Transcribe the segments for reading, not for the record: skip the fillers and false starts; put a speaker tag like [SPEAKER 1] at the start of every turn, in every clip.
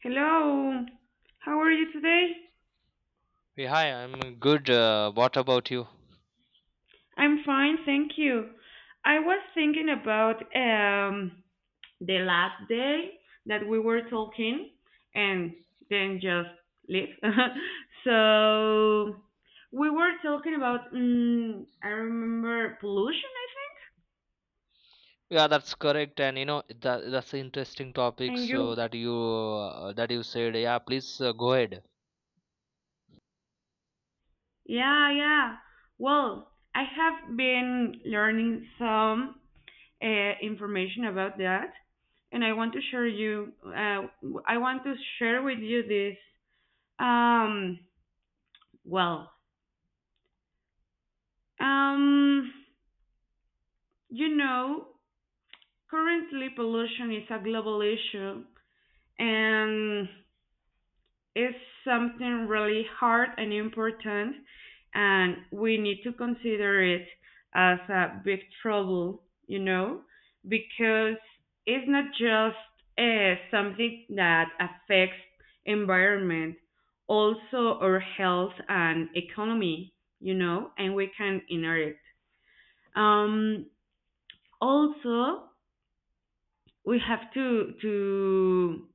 [SPEAKER 1] Hello! How are you today?
[SPEAKER 2] Yeah, hi, I'm good. What about you?
[SPEAKER 1] I'm fine, thank you. I was thinking about the last day that we were talking and then just leave. So we were talking about I remember pollution, I think.
[SPEAKER 2] Yeah, that's correct. And you know that's an interesting topic.
[SPEAKER 1] And you,
[SPEAKER 2] So that you said, yeah, please, go ahead.
[SPEAKER 1] yeah, yeah. Well, I have been learning some. Information about that. And I want to share with you this. Um, well, um, you know, currently pollution is a global issue, and is something really hard and important, and we need to consider it as a big trouble, because it's not just something that affects environment, also our health and economy, and we can inherit. Um, Also, we have to to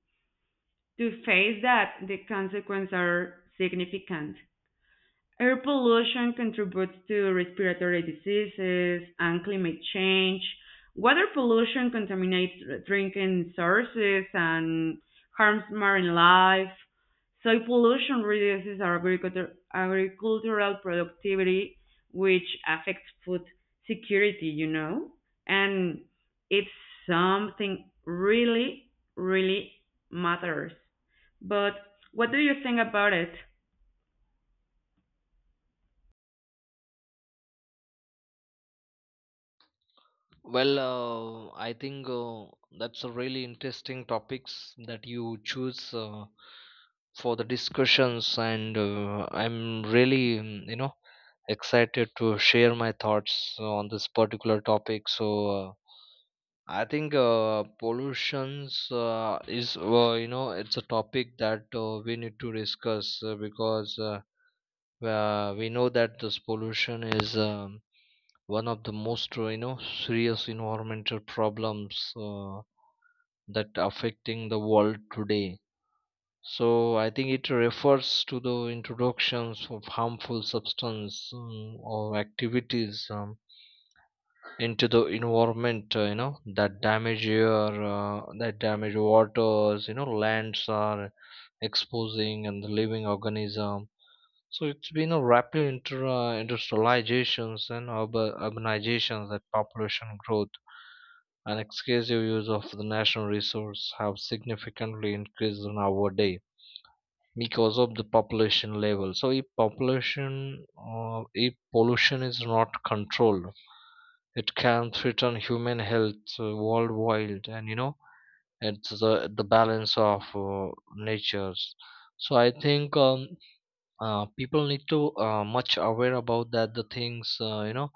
[SPEAKER 1] to face that the consequences are significant. Air pollution contributes to respiratory diseases and climate change. Water pollution contaminates drinking sources and harms marine life. Soil pollution reduces agriculture, agricultural productivity, which affects food security, you know? And it's something really, really matters. But what do you think about it?
[SPEAKER 2] I think that's a really interesting topics that you choose for the discussions, and I'm really you know, excited to share my thoughts on this particular topic. I think pollutions is you know, it's a topic that we need to discuss because we know that this pollution is one of the most you know, serious environmental problems that affecting the world today. So I think it refers to the introductions of harmful substance or activities into the environment, you know, that damage your that damage waters, you know, lands are exposing and the living organism. So it's been a rapid industrializations and urbanizations, that population growth and excessive use of the national resource have significantly increased in our day because of the population level. So if pollution is not controlled, it can threaten human health worldwide, and you know it's the balance of natures. So I think people need to much aware about that the things, you know,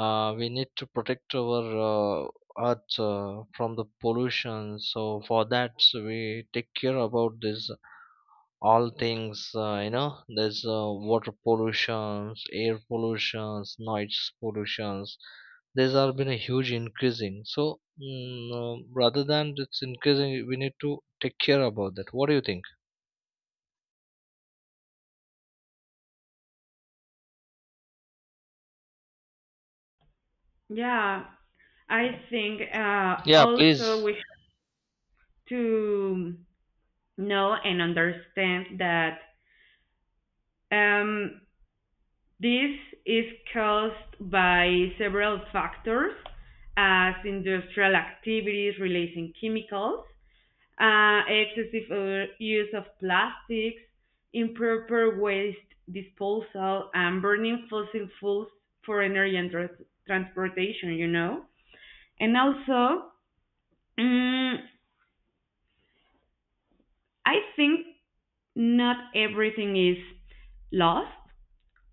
[SPEAKER 2] we need to protect our uh, earth from the pollution. So for that, so we take care about this all things, you know, there's water pollutions, air pollutions, noise pollutions. These are been a huge increasing. So rather than it's increasing, we need to take care about that. What do you think?
[SPEAKER 1] Yeah, I think
[SPEAKER 2] Yeah,
[SPEAKER 1] also
[SPEAKER 2] please.
[SPEAKER 1] we have to know and understand that um, this is caused by several factors, as industrial activities releasing chemicals, excessive use of plastics, improper waste disposal, and burning fossil fuels for energy and transportation. And also, mm, I think not everything is lost.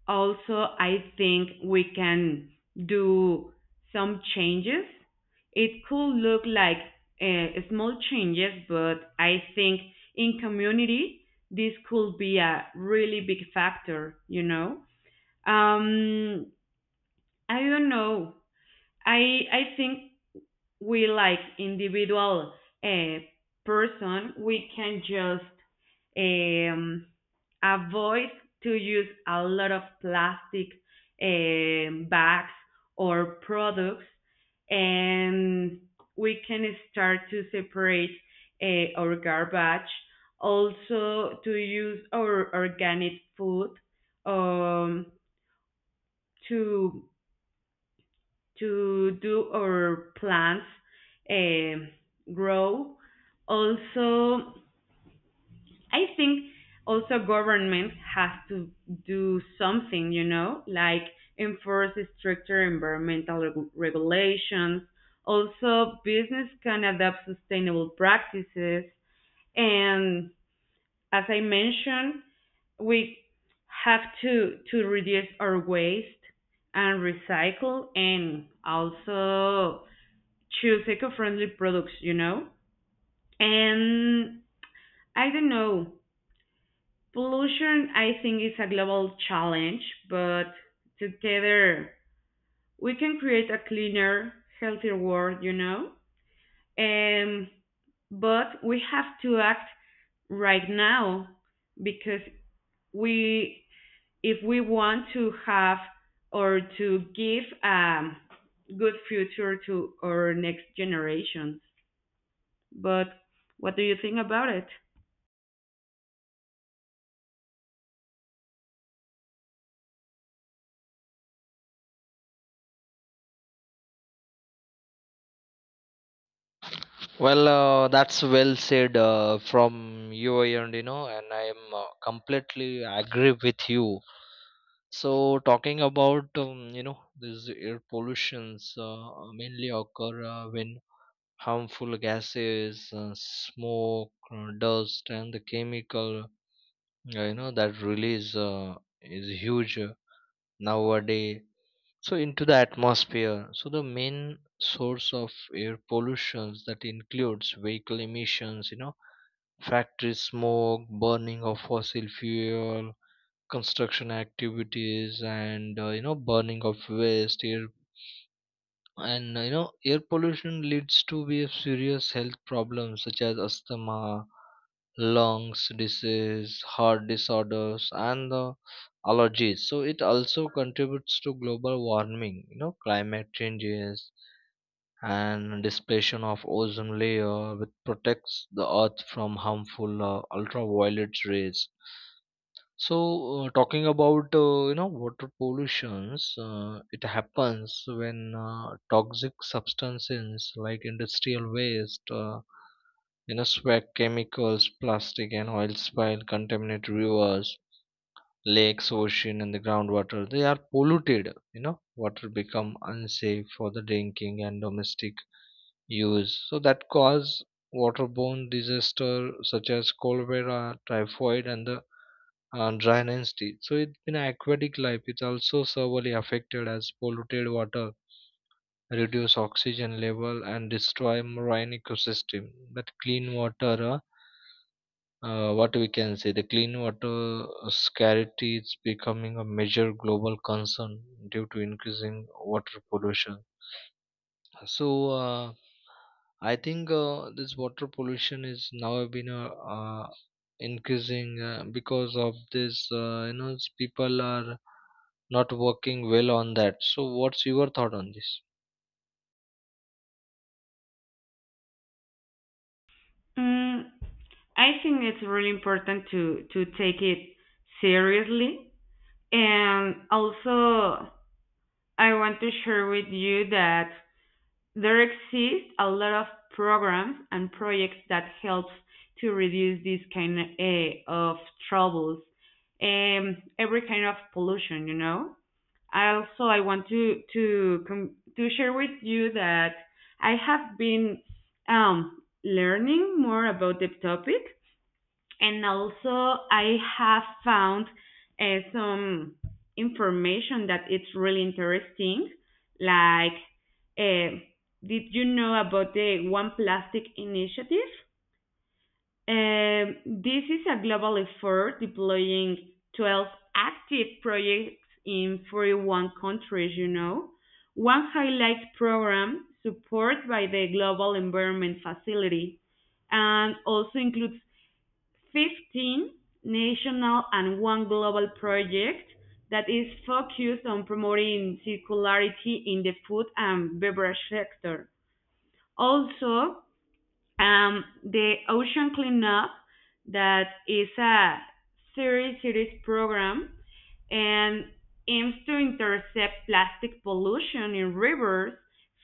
[SPEAKER 1] Also, I think we can do some changes. It could look like small changes, but I think in community, this could be a really big factor, you know? Um, I don't know. I think we like individual uh, person, we can just um, avoid to use a lot of plastic bags or products, and we can start to separate our garbage. Also, to use our organic food um, to to do our plants um grow. Also, I think also government has to do something, like enforce stricter environmental regulations. Also, business can adopt sustainable practices. And as I mentioned, we have to reduce our waste and recycle and also choose eco-friendly products, you know? And I don't know. Pollution, I think, is a global challenge, but together we can create a cleaner, healthier world, you know? Um, but we have to act right now because we, if we want to have or to give a good future to our next generations. But what do you think about it?
[SPEAKER 2] That's well said from you, and you know, and I am completely agree with you. So talking about, you know, these air pollutions mainly occur when harmful gases, smoke, dust, and the chemical, you know, that release is huge nowadays, so into the atmosphere. So the main source of air pollutions that includes vehicle emissions, you know, factory smoke, burning of fossil fuel, construction activities, and you know, burning of waste air. And you know, air pollution leads to be a serious health problems such as asthma, lungs disease, heart disorders, and the allergies. So it also contributes to global warming, you know, climate changes and dispersion of ozone layer, which protects the earth from harmful ultraviolet rays. So, talking about, you know, water pollutions, it happens when toxic substances like industrial waste, you know, swag chemicals, plastic, and oil spill contaminate rivers, lakes, ocean, and the groundwater. They are polluted. You know, water become unsafe for the drinking and domestic use, so that cause waterborne disaster such as cholera, typhoid, and the, dry nasty. So it's been aquatic life, it's also severely affected as polluted water reduce oxygen level and destroy marine ecosystem. But clean water what we can say, the clean water scarcity is becoming a major global concern due to increasing water pollution. So I think this water pollution is now been increasing because of this. You know, people are not working well on that. So what's your thought on this?
[SPEAKER 1] Mm, I think it's really important to take it seriously, and also I want to share with you that there exist a lot of programs and projects that help to reduce this kind of troubles, every kind of pollution. I want to share with you that I have been learning more about the topic and also, I have found uh, some information that it's really interesting. Like, uh, did you know about the One Plastic Initiative? Um, this is a global effort deploying 12 active projects in 41 countries. One highlight program supported by the Global Environment Facility and also includes 15 national and one global project that is focused on promoting circularity in the food and beverage sector. Also, the Ocean Cleanup, that is a series program and aims to intercept plastic pollution in rivers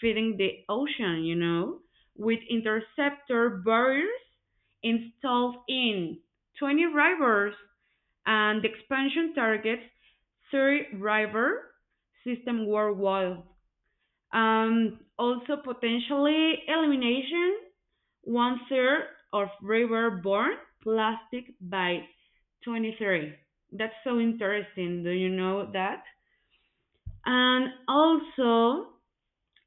[SPEAKER 1] feeding the ocean, with interceptor barriers installed in 20 rivers and the expansion targets 30 river system worldwide. Also potentially elimination one-third of river-borne plastic by 2030. That's so interesting. Do you know that? And also,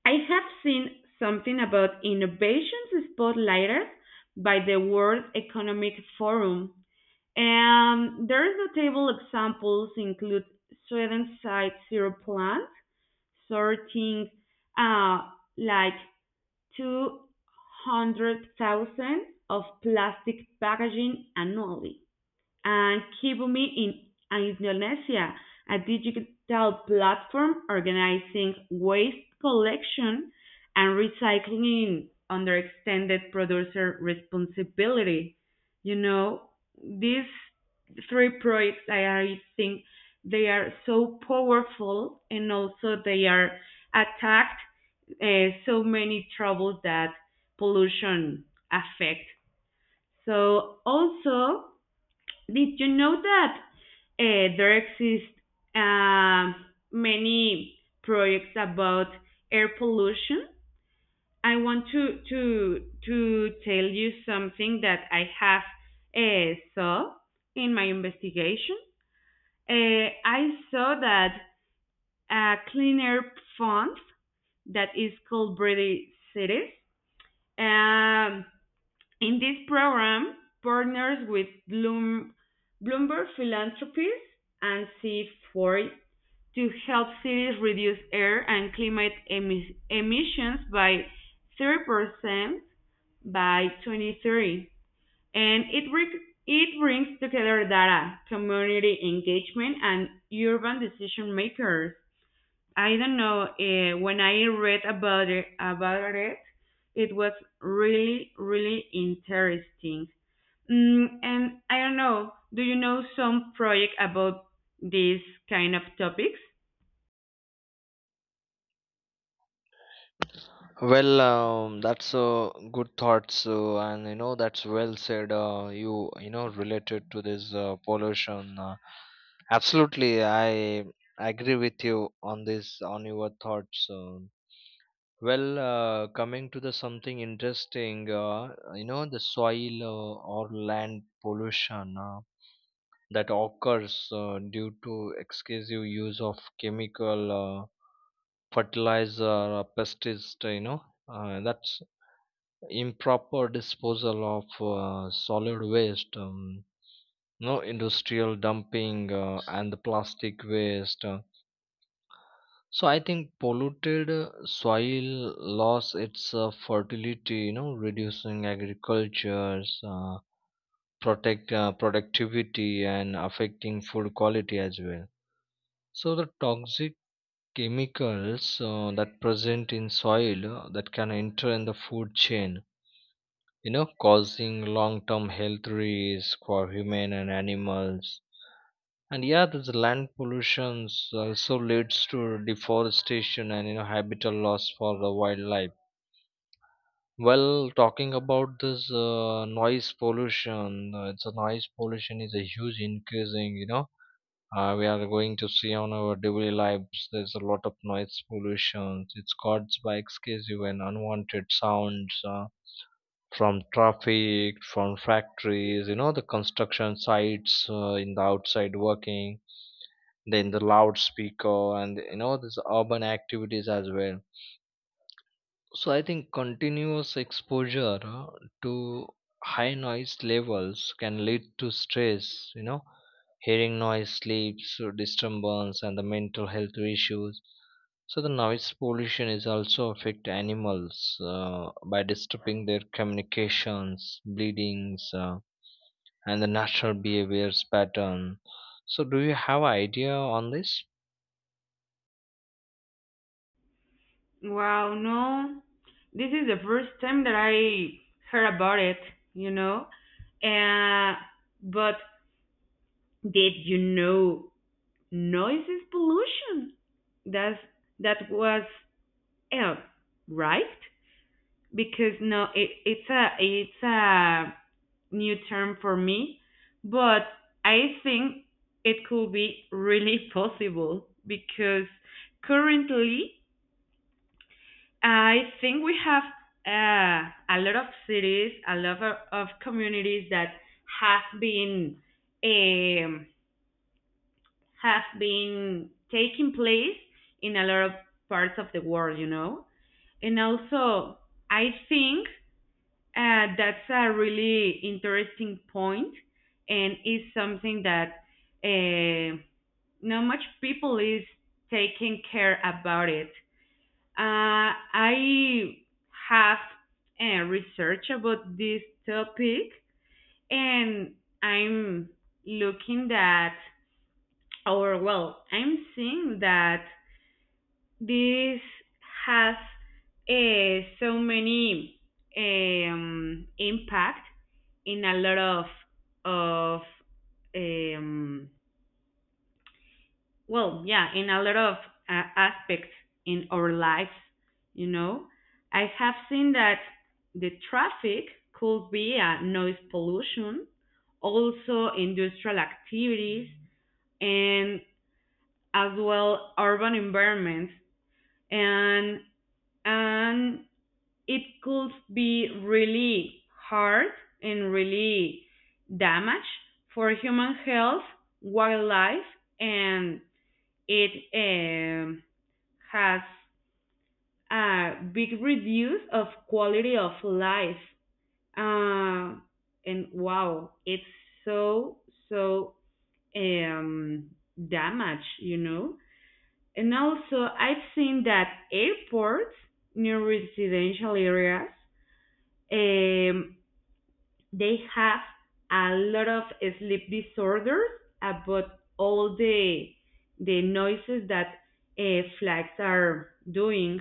[SPEAKER 1] I have seen something about innovations spotlighted by the World Economic Forum. And there's notable examples include Sweden's Site Zero plant, sorting uh, like 200,000 of plastic packaging annually and Kibumi in Indonesia, a digital platform organizing waste collection and recycling under extended producer responsibility. You know, these three projects, I think they are so powerful and also they are attacked so many troubles that pollution affect. So also did you know that there exist uh, many projects about air pollution? I want to tell you something that I have saw in my investigation. I saw that a clean air fund that is called Brady Cities. Um, In this program, partners with Bloomberg Philanthropies and C4 to help cities reduce air and climate emissions by 30% by 2030. And it brings together data, community engagement, and urban decision makers. I don't know, when I read about it, it was really, really interesting. And I don't know, do you know some project about these kind of topics?
[SPEAKER 2] That's a good thought. So, and you know, that's well said. You know, related to this pollution. Absolutely, I agree with you on this, on your thoughts. Coming to the something interesting, you know, the soil or land pollution that occurs due to excessive use of chemical, fertilizer, pesticide, you know, that's improper disposal of solid waste, no industrial dumping and the plastic waste. So I think polluted soil loss its fertility, you know, reducing agriculture's protect productivity and affecting food quality as well. So the toxic chemicals that present in soil that can enter in the food chain, you know, causing long-term health risks for human and animals. And yeah, this land pollution also leads to deforestation and you know, habitat loss for the wildlife. Well, talking about this noise pollution, it's a noise pollution is a huge increasing, you know, we are going to see on our daily lives there's a lot of noise pollution. It's caused by excessive and unwanted sounds, from traffic, from factories, you know, the construction sites, in the outside working, then the loudspeaker and you know, this urban activities as well. So I think continuous exposure to high noise levels can lead to stress, you know, hearing noise, sleeps disturbance, and the mental health issues. So the noise pollution is also affect animals by disturbing their communications, bleedings, and the natural behaviors pattern. So do you have idea on this?
[SPEAKER 1] Wow, no. This is the first time that I heard about it, you know? Uh, but did you know noise is pollution? That's, that was L, right? Because no, it's a new term for me, but I think it could be really possible because currently I think we have a lot of cities, a lot of communities that have been um, have been taking place in a lot of parts of the world. And also, I think that's a really interesting point, and is something that uh, not much people is taking care about it. I have research about this topic, and I'm looking that, or well, I'm seeing that this has so many impact in a lot of um, well, yeah, in a lot of aspects in our lives. You know, I have seen that the traffic could be a noise pollution, also industrial activities, and as well urban environments and and it could be really hard and really damage for human health, wildlife, and it has a big reduce of quality of life. Uh, and wow, it's so so um, damage. And also, I've seen that airports near residential areas um, they have a lot of sleep disorders about all the noises that flags are doing,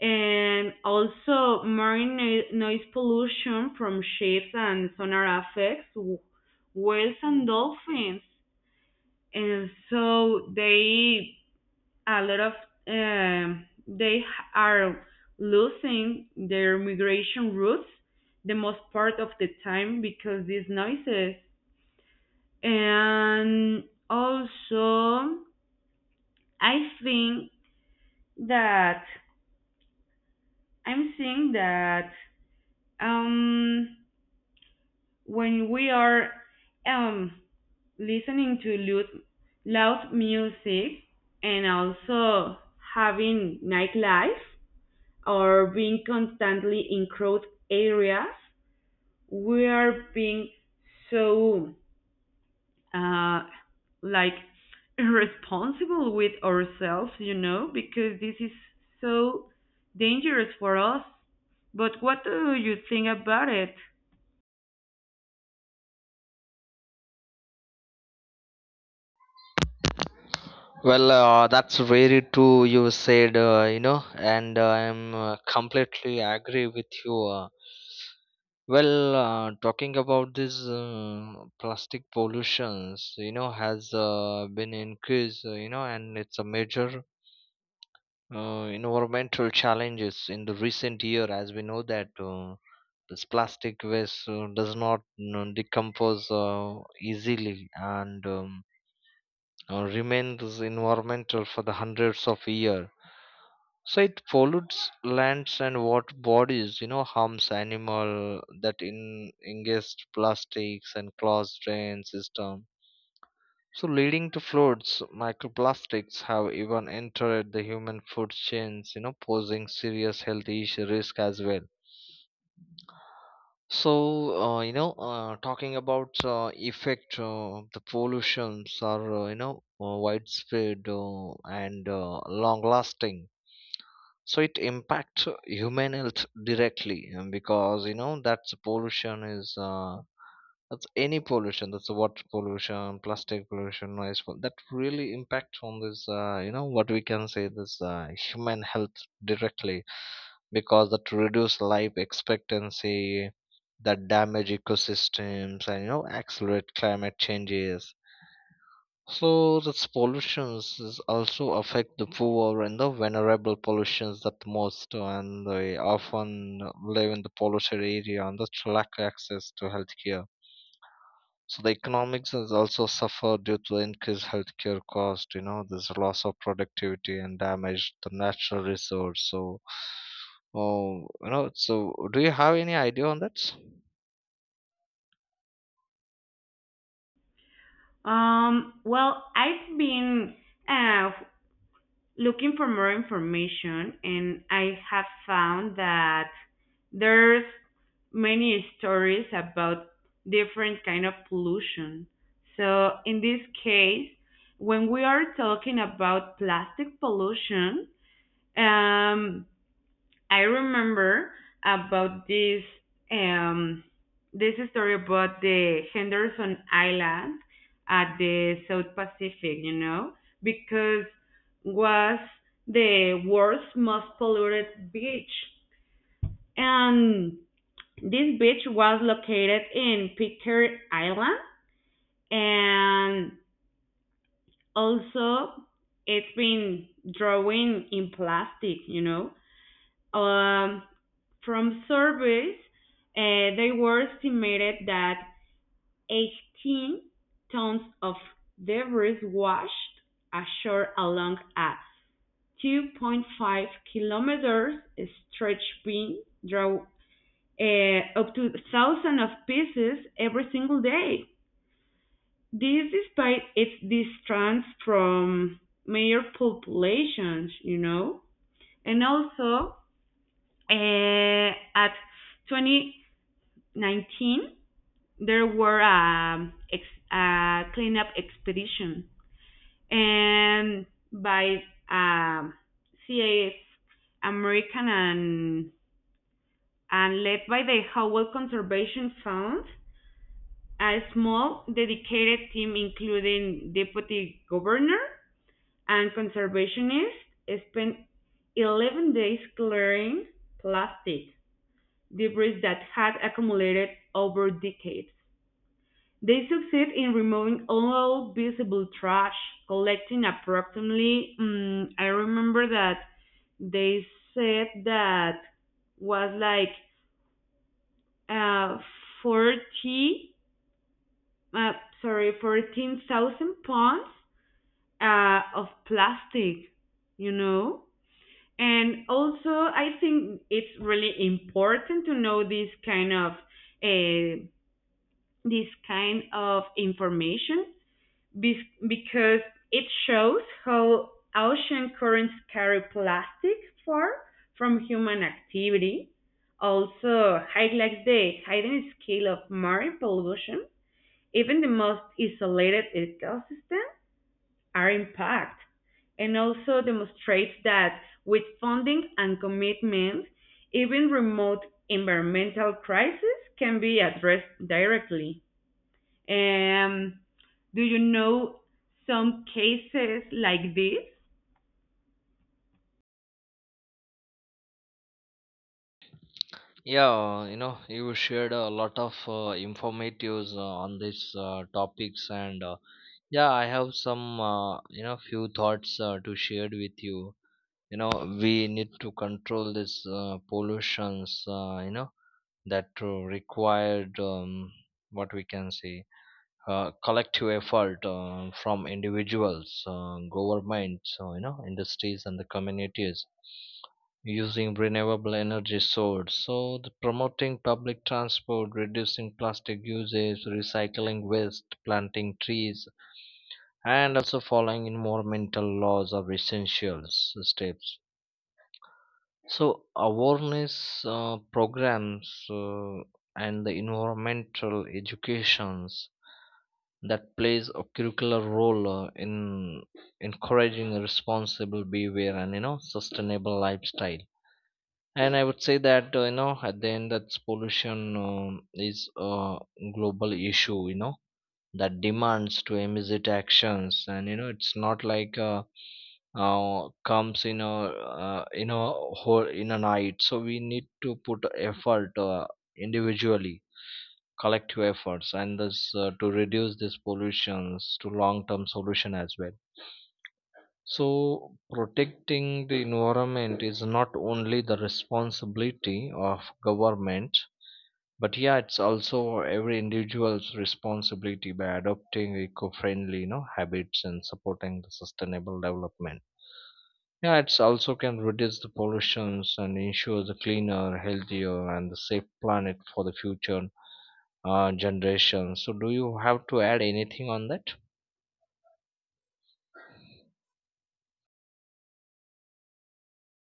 [SPEAKER 1] and also marine noise pollution from ships and sonar effects whales and dolphins, and so they a lot of, they are losing their migration routes the most part of the time because these noises. And also I think that I'm seeing that um when we are um listening to loud, loud music and also having nightlife or being constantly in crowded areas, we are being so uh, like irresponsible with ourselves, because this is so dangerous for us. But what do you think about it?
[SPEAKER 2] That's very true. You said, you know, and I'm completely agree with you. Talking about this plastic pollutions, you know, has been increased, you know, and it's a major environmental challenges in the recent year, as we know that this plastic waste does not, you know, decompose easily and remains environmental for the hundreds of years. So it pollutes lands and water bodies, you know, harms animal that in ingest plastics and clogs drain system. So leading to floods, microplastics have even entered the human food chains, you know, posing serious health issue risk as well. So you know, talking about effect, the pollutions are you know, widespread and long-lasting. So it impacts human health directly, because you know, that's pollution is that's any pollution, that's water pollution, plastic pollution, that really impacts on this, you know, what we can say, this human health directly, because that reduce life expectancy, that damage ecosystems, and you know, accelerate climate changes. So this pollutions is also affect the poor and the vulnerable pollutions that most, and they often live in the polluted area, and thus lack access to healthcare. So the economics has also suffered due to increased healthcare cost. You know, there's a loss of productivity and damage the natural resource. So, oh, you know, so do you have any idea on that?
[SPEAKER 1] Well, I've been uh, looking for more information and I have found that there's many stories about different kind of pollution. So in this case, when we are talking about plastic pollution, um, I remember about this um this story about the Henderson Island at the South Pacific, because was the world's most polluted beach. And this beach was located in Pitcairn Island and also it's been drawing in plastic. Um, from surveys, they were estimated that 18 tons of debris washed ashore along a 2.5 kilometers stretch being draw up to thousands of pieces every single day. This despite its distance from major populations, and also at 2019, there were a cleanup expedition, and by um, CAF American and led by the Howell Conservation Fund, a small dedicated team including deputy governor and conservationists spent 11 days clearing plastic debris that had accumulated over decades. They succeed in removing all visible trash, collecting approximately. I remember that they said that was like uh, 40, uh, sorry, 14,000 pounds of plastic, you know? And also, I think it's really important to know uh, this kind of information because it shows how ocean currents carry plastic far from human activity. Also, highlights the hidden scale of marine pollution. Even the most isolated ecosystems are impacted, and also demonstrates that with funding and commitment, even remote environmental crises can be addressed directly. Um, do you know some cases like this?
[SPEAKER 2] Yeah, you know, you shared a lot of informatives on these topics, and yeah, I have some, you know, few thoughts to share with you. You know, we need to control this pollutions. You know, that required what we can say, collective effort from individuals, governments, you know, industries and the communities, using renewable energy source. So the promoting public transport, reducing plastic usage, recycling waste, planting trees, and also following environmental laws are essential steps. So awareness programs and the environmental educations that plays a curricular role in encouraging a responsible behavior, and you know, sustainable lifestyle. And I would say that you know, at the end, that pollution, is a global issue. You know, that demands to immediate actions, and you know, it's not like. Comes in a whole in a night, so we need to put effort individually, collective efforts, and this to reduce these pollutions to long term solution as well. So protecting the environment is not only the responsibility of government, but yeah, it's also every individual's responsibility by adopting eco-friendly, you know, habits and supporting the sustainable development. Yeah, it's also can reduce the pollutions and ensure the cleaner, healthier, and the safe planet for the future generations. So, do you have to add anything on that?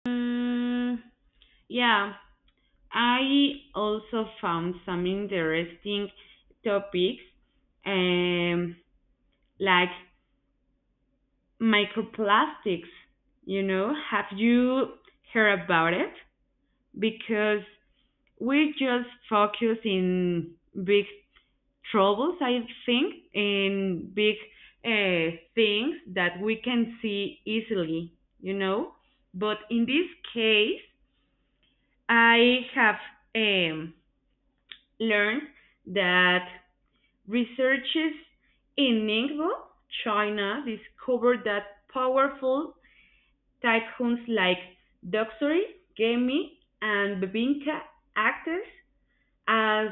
[SPEAKER 1] Mm, yeah, I also found some interesting topics, um, like microplastics. Have you heard about it? Because we just focus in big troubles, I think, in big things that we can see easily, you know. But in this case, I have um, learned that researchers in Ningbo, China, discovered that powerful typhoons like Doksuri, Gemi, and Babinka acted as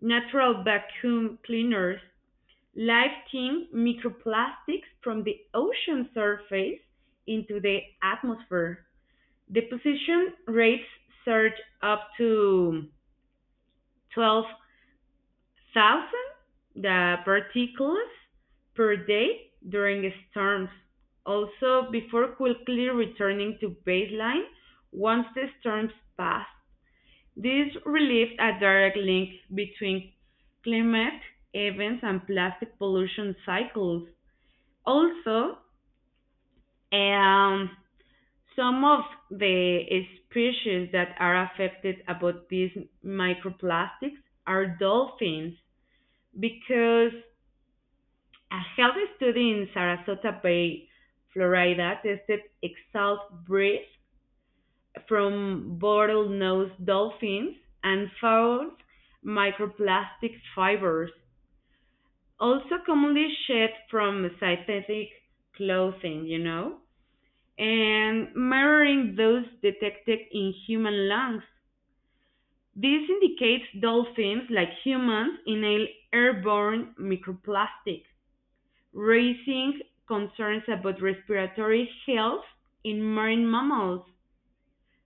[SPEAKER 1] natural vacuum cleaners lifting microplastics from the ocean surface into the atmosphere. Deposition rates surge up to 12,000 the particles per day during storms, also before quickly returning to baseline once the storms pass. This relieved a direct link between climate events and plastic pollution cycles. Also, um, some of the species that are affected about these microplastics are dolphins because a health study in Sarasota Bay, Florida, tested exhaust breath from bottlenose dolphins and found microplastic fibers, also commonly shed from synthetic clothing, you know? And mirroring those detected in human lungs. This indicates dolphins, like humans, inhale airborne microplastic, raising concerns about respiratory health in marine mammals.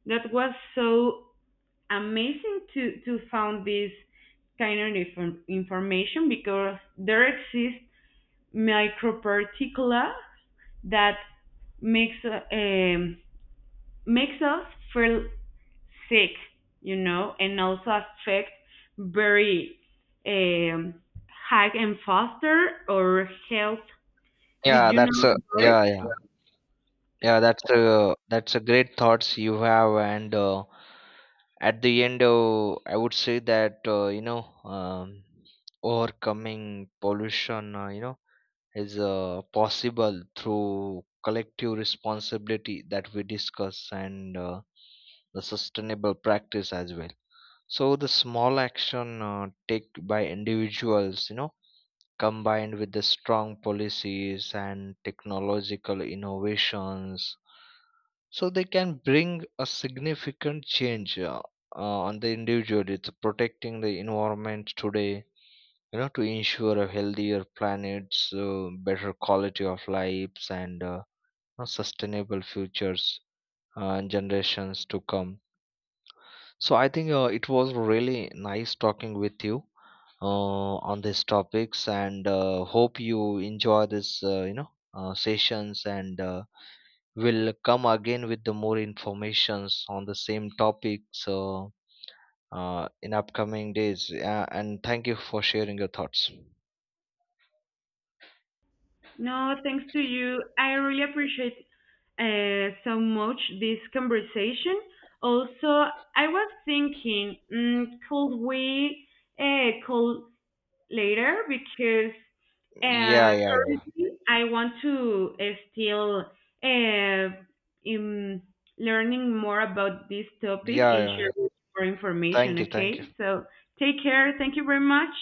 [SPEAKER 1] That was so amazing to found this kind of information because there exist microparticula that makes uh, um, makes us feel sick, and also affect very um, Hag and Foster or Health. Did
[SPEAKER 2] Yeah,
[SPEAKER 1] you
[SPEAKER 2] that's
[SPEAKER 1] know
[SPEAKER 2] a
[SPEAKER 1] the word?
[SPEAKER 2] yeah. That's a great thoughts you have, and at the end I would say that you know, overcoming pollution, you know, is possible through collective responsibility that we discuss, and the sustainable practice as well. So the small action take by individuals, you know, combined with the strong policies and technological innovations, so they can bring a significant change, on the individual it's protecting the environment today, you know, to ensure a healthier planet, so better quality of lives, and sustainable futures and generations to come. So I think it was really nice talking with you on these topics, and hope you enjoy this, you know, sessions, and we'll come again with the more informations on the same topic. So in upcoming days, yeah, and thank you for sharing your thoughts.
[SPEAKER 1] No, thanks to you. I really appreciate so much this conversation. Also, I was thinking, could we call later because
[SPEAKER 2] Yeah,
[SPEAKER 1] currently I want to still uh, in learning more about this topic
[SPEAKER 2] yeah,
[SPEAKER 1] and
[SPEAKER 2] yeah.
[SPEAKER 1] share more
[SPEAKER 2] Thank
[SPEAKER 1] information.
[SPEAKER 2] you, thank you.
[SPEAKER 1] Okay, so take care. Thank you very much.